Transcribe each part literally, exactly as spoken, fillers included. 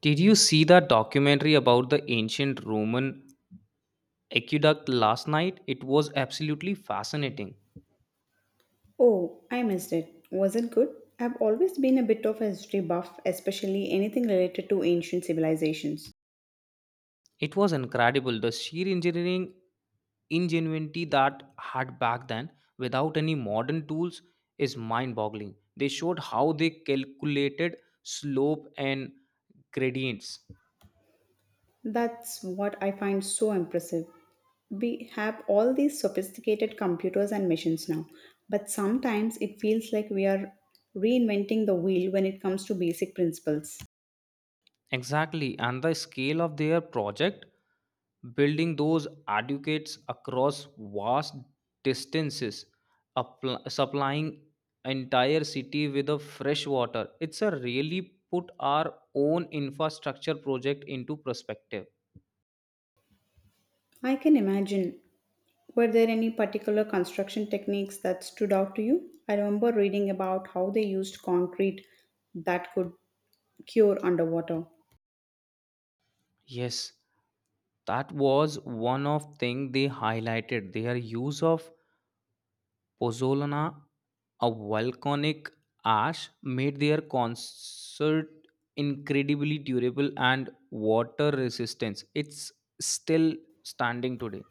Did you see that documentary about the ancient Roman aqueduct last night? It was absolutely fascinating. Oh, I missed it. Was it good? I've always been a bit of a history buff, especially anything related to ancient civilizations. It was incredible the sheer engineering ingenuity that had back then without any modern tools is mind-boggling. They showed how they calculated slope and gradients. That's what I find so impressive. We have all these sophisticated computers and machines now, but sometimes it feels like we are reinventing the wheel when it comes to basic principles. Exactly, and the scale of their project, building those educates across vast distances, appl- supplying entire city with a fresh water. It's a really put our own infrastructure project into perspective. I can imagine. Were there any particular construction techniques that stood out to you? I remember reading about how they used concrete that could cure underwater. Yes, that was one of thing they highlighted their use of pozzolana, a volcanic ash, made their concert incredibly durable and water resistant. It's still standing today.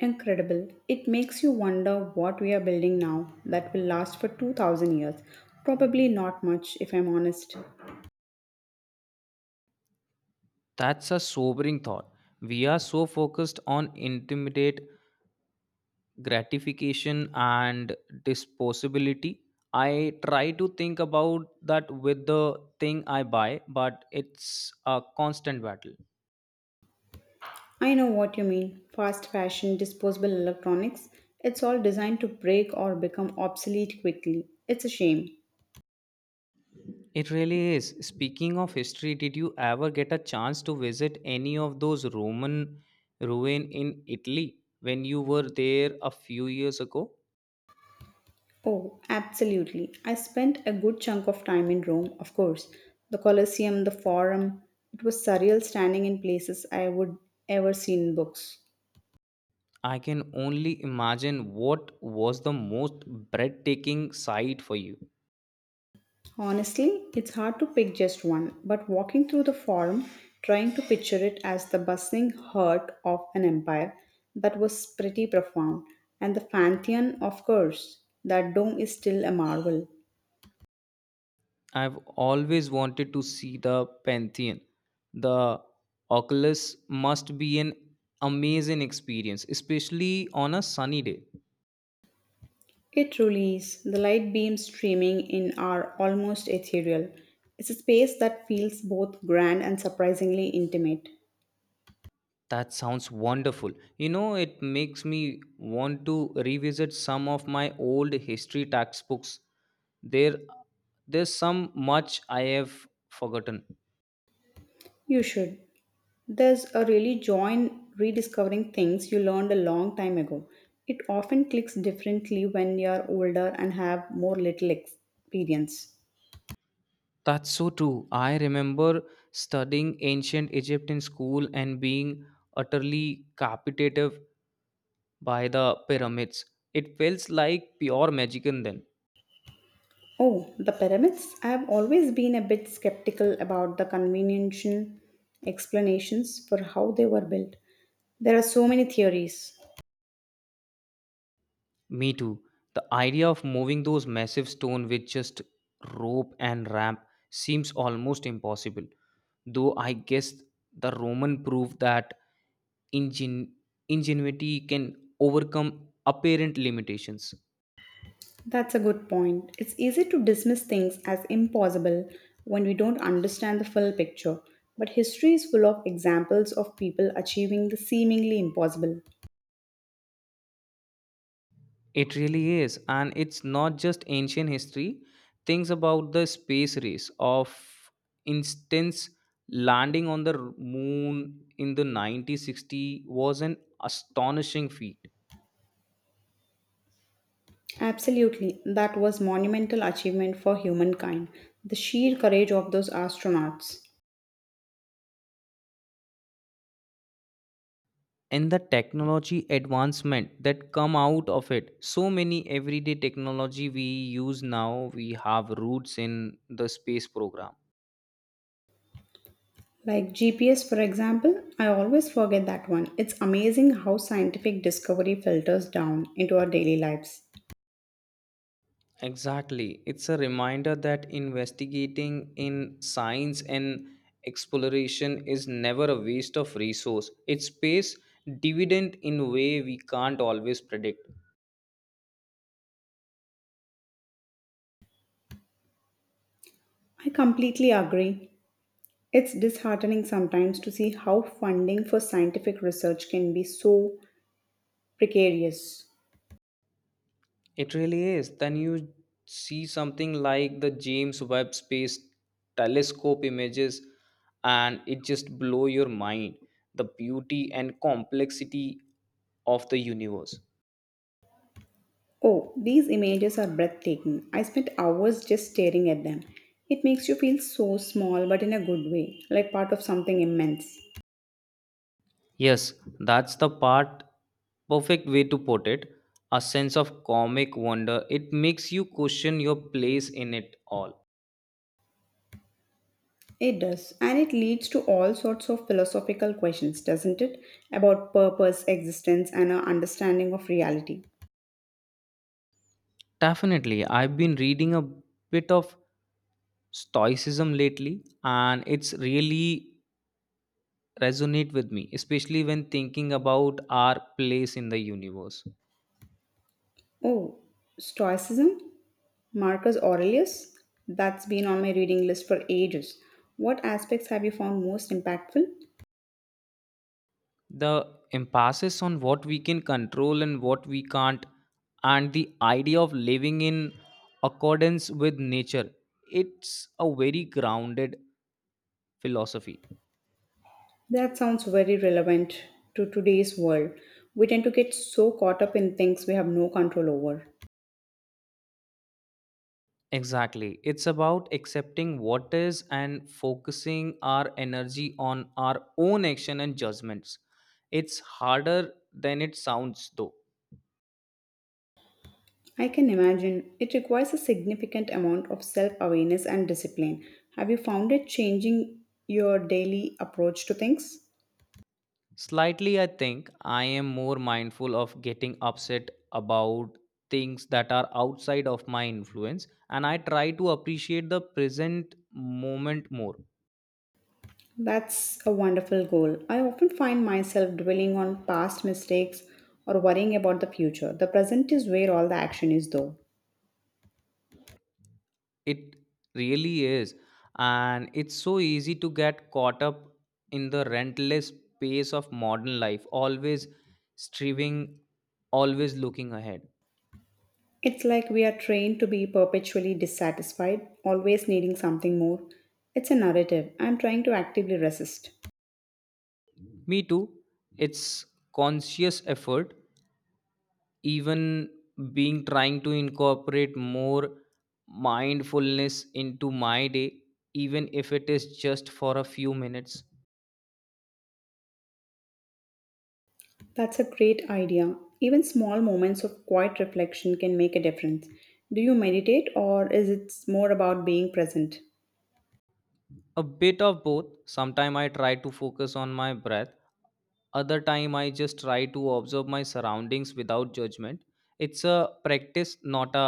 Incredible. It makes you wonder what we are building now that will last for two thousand years. Probably not much, if I'm honest. That's a sobering thought. We are so focused on intimidate gratification and disposability. I try to think about that with the thing I buy, but it's a constant battle. I know what you mean fast fashion, disposable electronics. It's all designed to break or become obsolete quickly. It's a shame. It really is. Speaking of history, did you ever get a chance to visit any of those Roman ruin in Italy when you were there a few years ago? Oh, absolutely. I spent a good chunk of time in Rome, of course. The Colosseum, the Forum. It was surreal standing in places I would ever seen in books. I can only imagine what was the most breathtaking sight for you. Honestly, it's hard to pick just one, but walking through the forum, trying to picture it as the bustling heart of an empire, that was pretty profound. And the Pantheon, of course, that dome is still a marvel. I've always wanted to see the Pantheon. The Oculus must be an amazing experience, especially on a sunny day. It truly is. The light beams streaming in are almost ethereal. It's a space that feels both grand and surprisingly intimate. That sounds wonderful. You know, it makes me want to revisit some of my old history textbooks. There there's some much I have forgotten. You should. There's a really joy in rediscovering things you learned a long time ago. It often clicks differently when you're older and have more little experience. That's so true. I remember studying ancient Egypt in school and being utterly captivated by the pyramids. It felt like pure magic in then. Oh, the pyramids? I've always been a bit skeptical about the convenient explanations for how they were built. There are so many theories. Me too. The idea of moving those massive stone with just rope and ramp seems almost impossible, though I guess the Roman proved that ingen- ingenuity can overcome apparent limitations. That's a good point. It's easy to dismiss things as impossible when we don't understand the full picture. But history is full of examples of people achieving the seemingly impossible. It really is, and it's not just ancient history. Things about the space race, of instance, landing on the moon in the nineteen sixty was an astonishing feat. Absolutely, that was monumental achievement for humankind. The sheer courage of those astronauts. And the technology advancement that come out of it, so many everyday technology we use now we have roots in the space program. Like G P S, for example, I always forget that one. It's amazing how scientific discovery filters down into our daily lives. Exactly, it's a reminder that investigating in science and exploration is never a waste of resource, it's pays dividend in a way we can't always predict. I completely agree. It's disheartening sometimes to see how funding for scientific research can be so precarious. It really is. Then you see something like the James Webb Space Telescope images, and it just blow your mind. The beauty and complexity of the universe. Oh, these images are breathtaking. I spent hours just staring at them. It makes you feel so small, but in a good way, like part of something immense. Yes, that's the part. Perfect way to put it. A sense of comic wonder. It makes you question your place in it all. It does, and it leads to all sorts of philosophical questions, doesn't it? About purpose, existence, and our understanding of reality. Definitely, I've been reading a bit of stoicism lately, and it's really resonate with me, especially when thinking about our place in the universe. Oh, Stoicism? Marcus Aurelius? That's been on my reading list for ages. What aspects have you found most impactful? The emphasis on what we can control and what we can't, and the idea of living in accordance with nature, it's a very grounded philosophy. That sounds very relevant to today's world. We tend to get so caught up in things we have no control over. Exactly. It's about accepting what is and focusing our energy on our own action and judgments. It's harder than it sounds, though. I can imagine it requires a significant amount of self awareness and discipline. Have you found it changing your daily approach to things? Slightly, I think I am more mindful of getting upset about things that are outside of my influence, and I try to appreciate the present moment more. That's a wonderful goal. I often find myself dwelling on past mistakes or worrying about the future. The present is where all the action is, though. It really is, and it's so easy to get caught up in the relentless pace of modern life, always striving, always looking ahead. It's like we are trained to be perpetually dissatisfied, always needing something more. It's a narrative I'm trying to actively resist. Me too, it's conscious effort, even being trying to incorporate more mindfulness into my day, even if it is just for a few minutes. That's a great idea. Even small moments of quiet reflection can make a difference. Do you meditate, or is it more about being present? A bit of both, sometime I try to focus on my breath, other time I just try to observe my surroundings without judgment. It's a practice, not a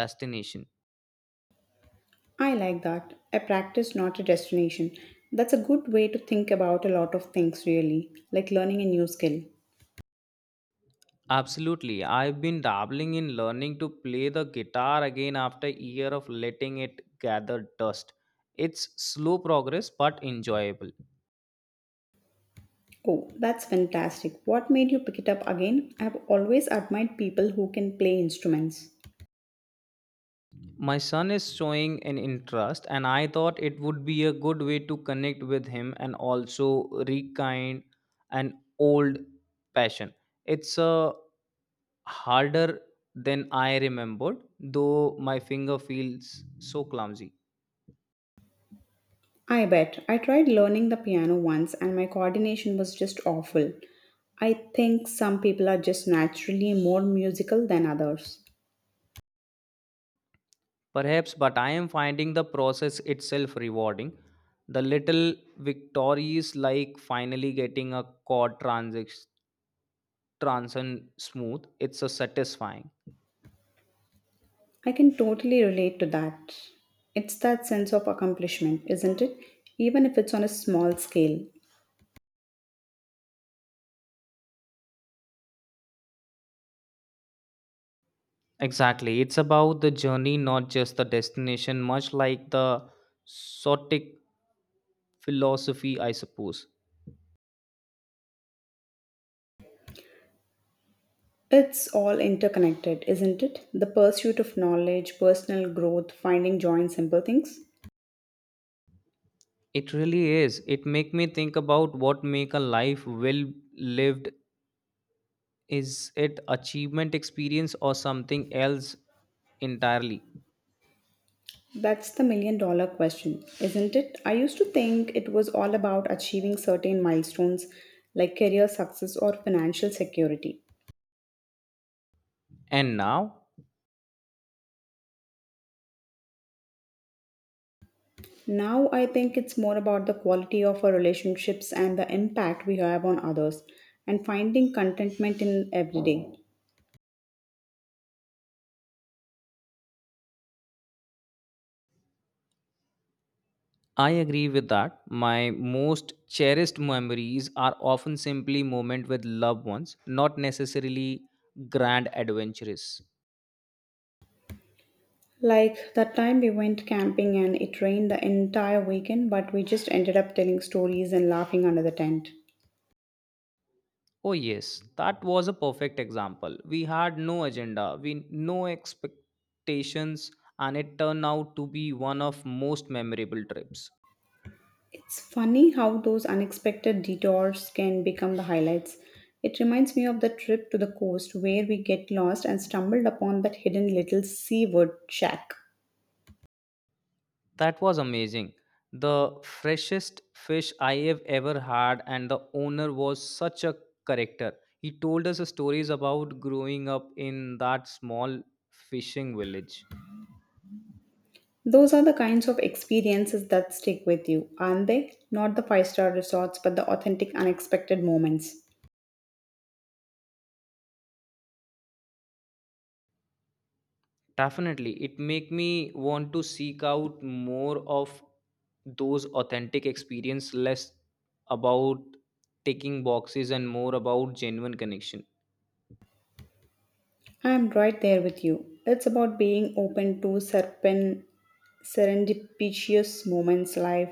destination. I like that. A practice, not a destination. That's a good way to think about a lot of things, really, like learning a new skill. Absolutely. I've been dabbling in learning to play the guitar again after a year of letting it gather dust. It's slow progress but enjoyable. Oh, that's fantastic. What made you pick it up again? I've always admired people who can play instruments. My son is showing an interest and I thought it would be a good way to connect with him and also rekindle an old passion. It's uh, harder than I remembered, though my finger feels so clumsy. I bet. I tried learning the piano once and my coordination was just awful. I think some people are just naturally more musical than others. Perhaps, but I am finding the process itself rewarding. The little victories, like finally getting a chord transition transition smooth, it's a satisfying. I can totally relate to that. It's that sense of accomplishment, isn't it? Even if it's on a small scale. Exactly, it's about the journey, not just the destination. Much like the Sotic philosophy, I suppose. It's all interconnected, isn't it? The pursuit of knowledge, personal growth, finding joy in simple things. It really is. It make me think about what make a life well lived. Is it achievement experience or something else entirely? That's the million dollar question, isn't it? I used to think it was all about achieving certain milestones like career success or financial security. And now? Now I think it's more about the quality of our relationships and the impact we have on others and finding contentment in every day. I agree with that. My most cherished memories are often simply moments with loved ones, not necessarily grand adventures. Like that time we went camping and it rained the entire weekend, but we just ended up telling stories and laughing under the tent. Oh yes, that was a perfect example. We had no agenda, we no expectations and it turned out to be one of most memorable trips. It's funny how those unexpected detours can become the highlights. It reminds me of the trip to the coast where we get lost and stumbled upon that hidden little seawood shack. That was amazing. The freshest fish I have ever had, and the owner was such a character. He told us stories about growing up in that small fishing village. Those are the kinds of experiences that stick with you, aren't they? Not the five star resorts, but the authentic, unexpected moments. Definitely, it make me want to seek out more of those authentic experience, less about ticking boxes and more about genuine connection. I'm right there with you. It's about being open to serpent serendipitous moments life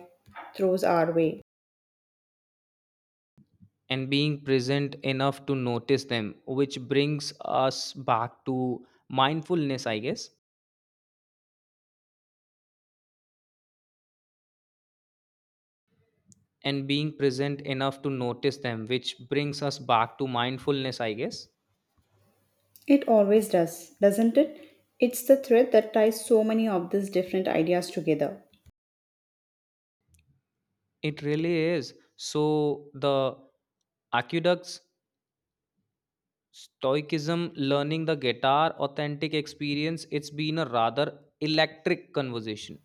throws our way. And being present enough to notice them which brings us back to mindfulness I guess And being present enough to notice them, which brings us back to mindfulness, I guess. It always does, doesn't it? It's the thread that ties so many of these different ideas together. It really is. So the aqueducts, stoicism, learning the guitar, authentic experience, it's been a rather electric conversation.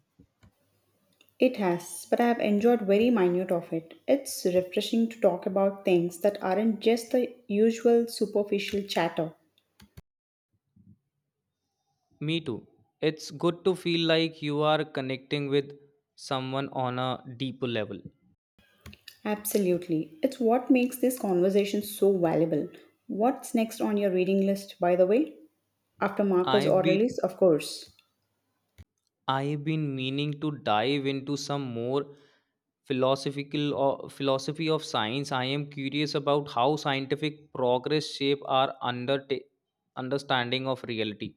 It has, but I have enjoyed very minute of it. It's refreshing to talk about things that aren't just the usual superficial chatter. Me too, it's good to feel like you are connecting with someone on a deeper level. Absolutely. It's what makes this conversation so valuable. What's next on your reading list, by the way? After Marcus i've been Aurelius, of course. I've been meaning to dive into some more philosophical or philosophy of science. I am curious about how scientific progress shape our under understanding of reality.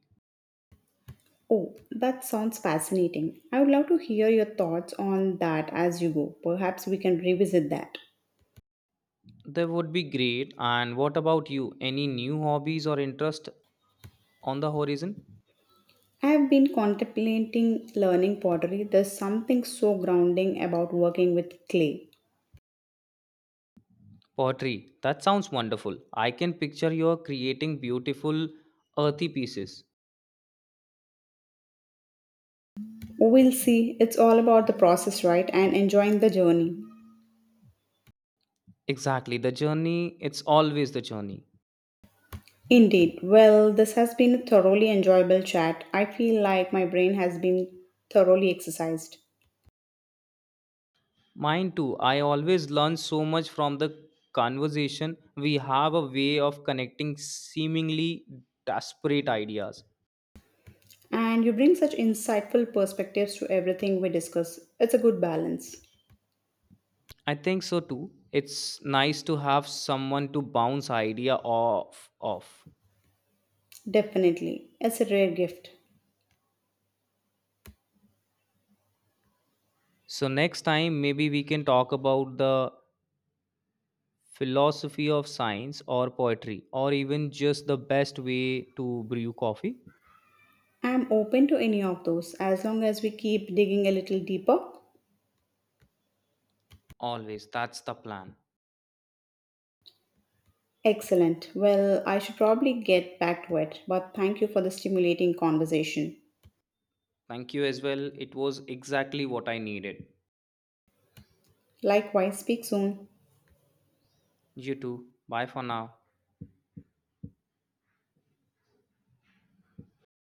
Oh, that sounds fascinating. I would love to hear your thoughts on that as you go. Perhaps we can revisit that. That would be great. And what about you? Any new hobbies or interest on the horizon? I have been contemplating learning pottery. There's something so grounding about working with clay. Pottery. That sounds wonderful. I can picture you creating beautiful earthy pieces. We'll see. It's all about the process, right? And enjoying the journey. Exactly. The journey, it's always the journey. Indeed. Well, this has been a thoroughly enjoyable chat. I feel like my brain has been thoroughly exercised. Mine too. I always learn so much from the conversation. We have a way of connecting seemingly disparate ideas. And you bring such insightful perspectives to everything we discuss. It's a good balance. I think so too. It's nice to have someone to bounce idea off off. Definitely, it's a rare gift. So next time maybe we can talk about the philosophy of science or poetry or even just the best way to brew coffee. I'm open to any of those as long as we keep digging a little deeper. Always, that's the plan. Excellent. Well, I should probably get back to it, but thank you for the stimulating conversation. Thank you as well. It was exactly what I needed. Likewise, speak soon. You too. Bye for now.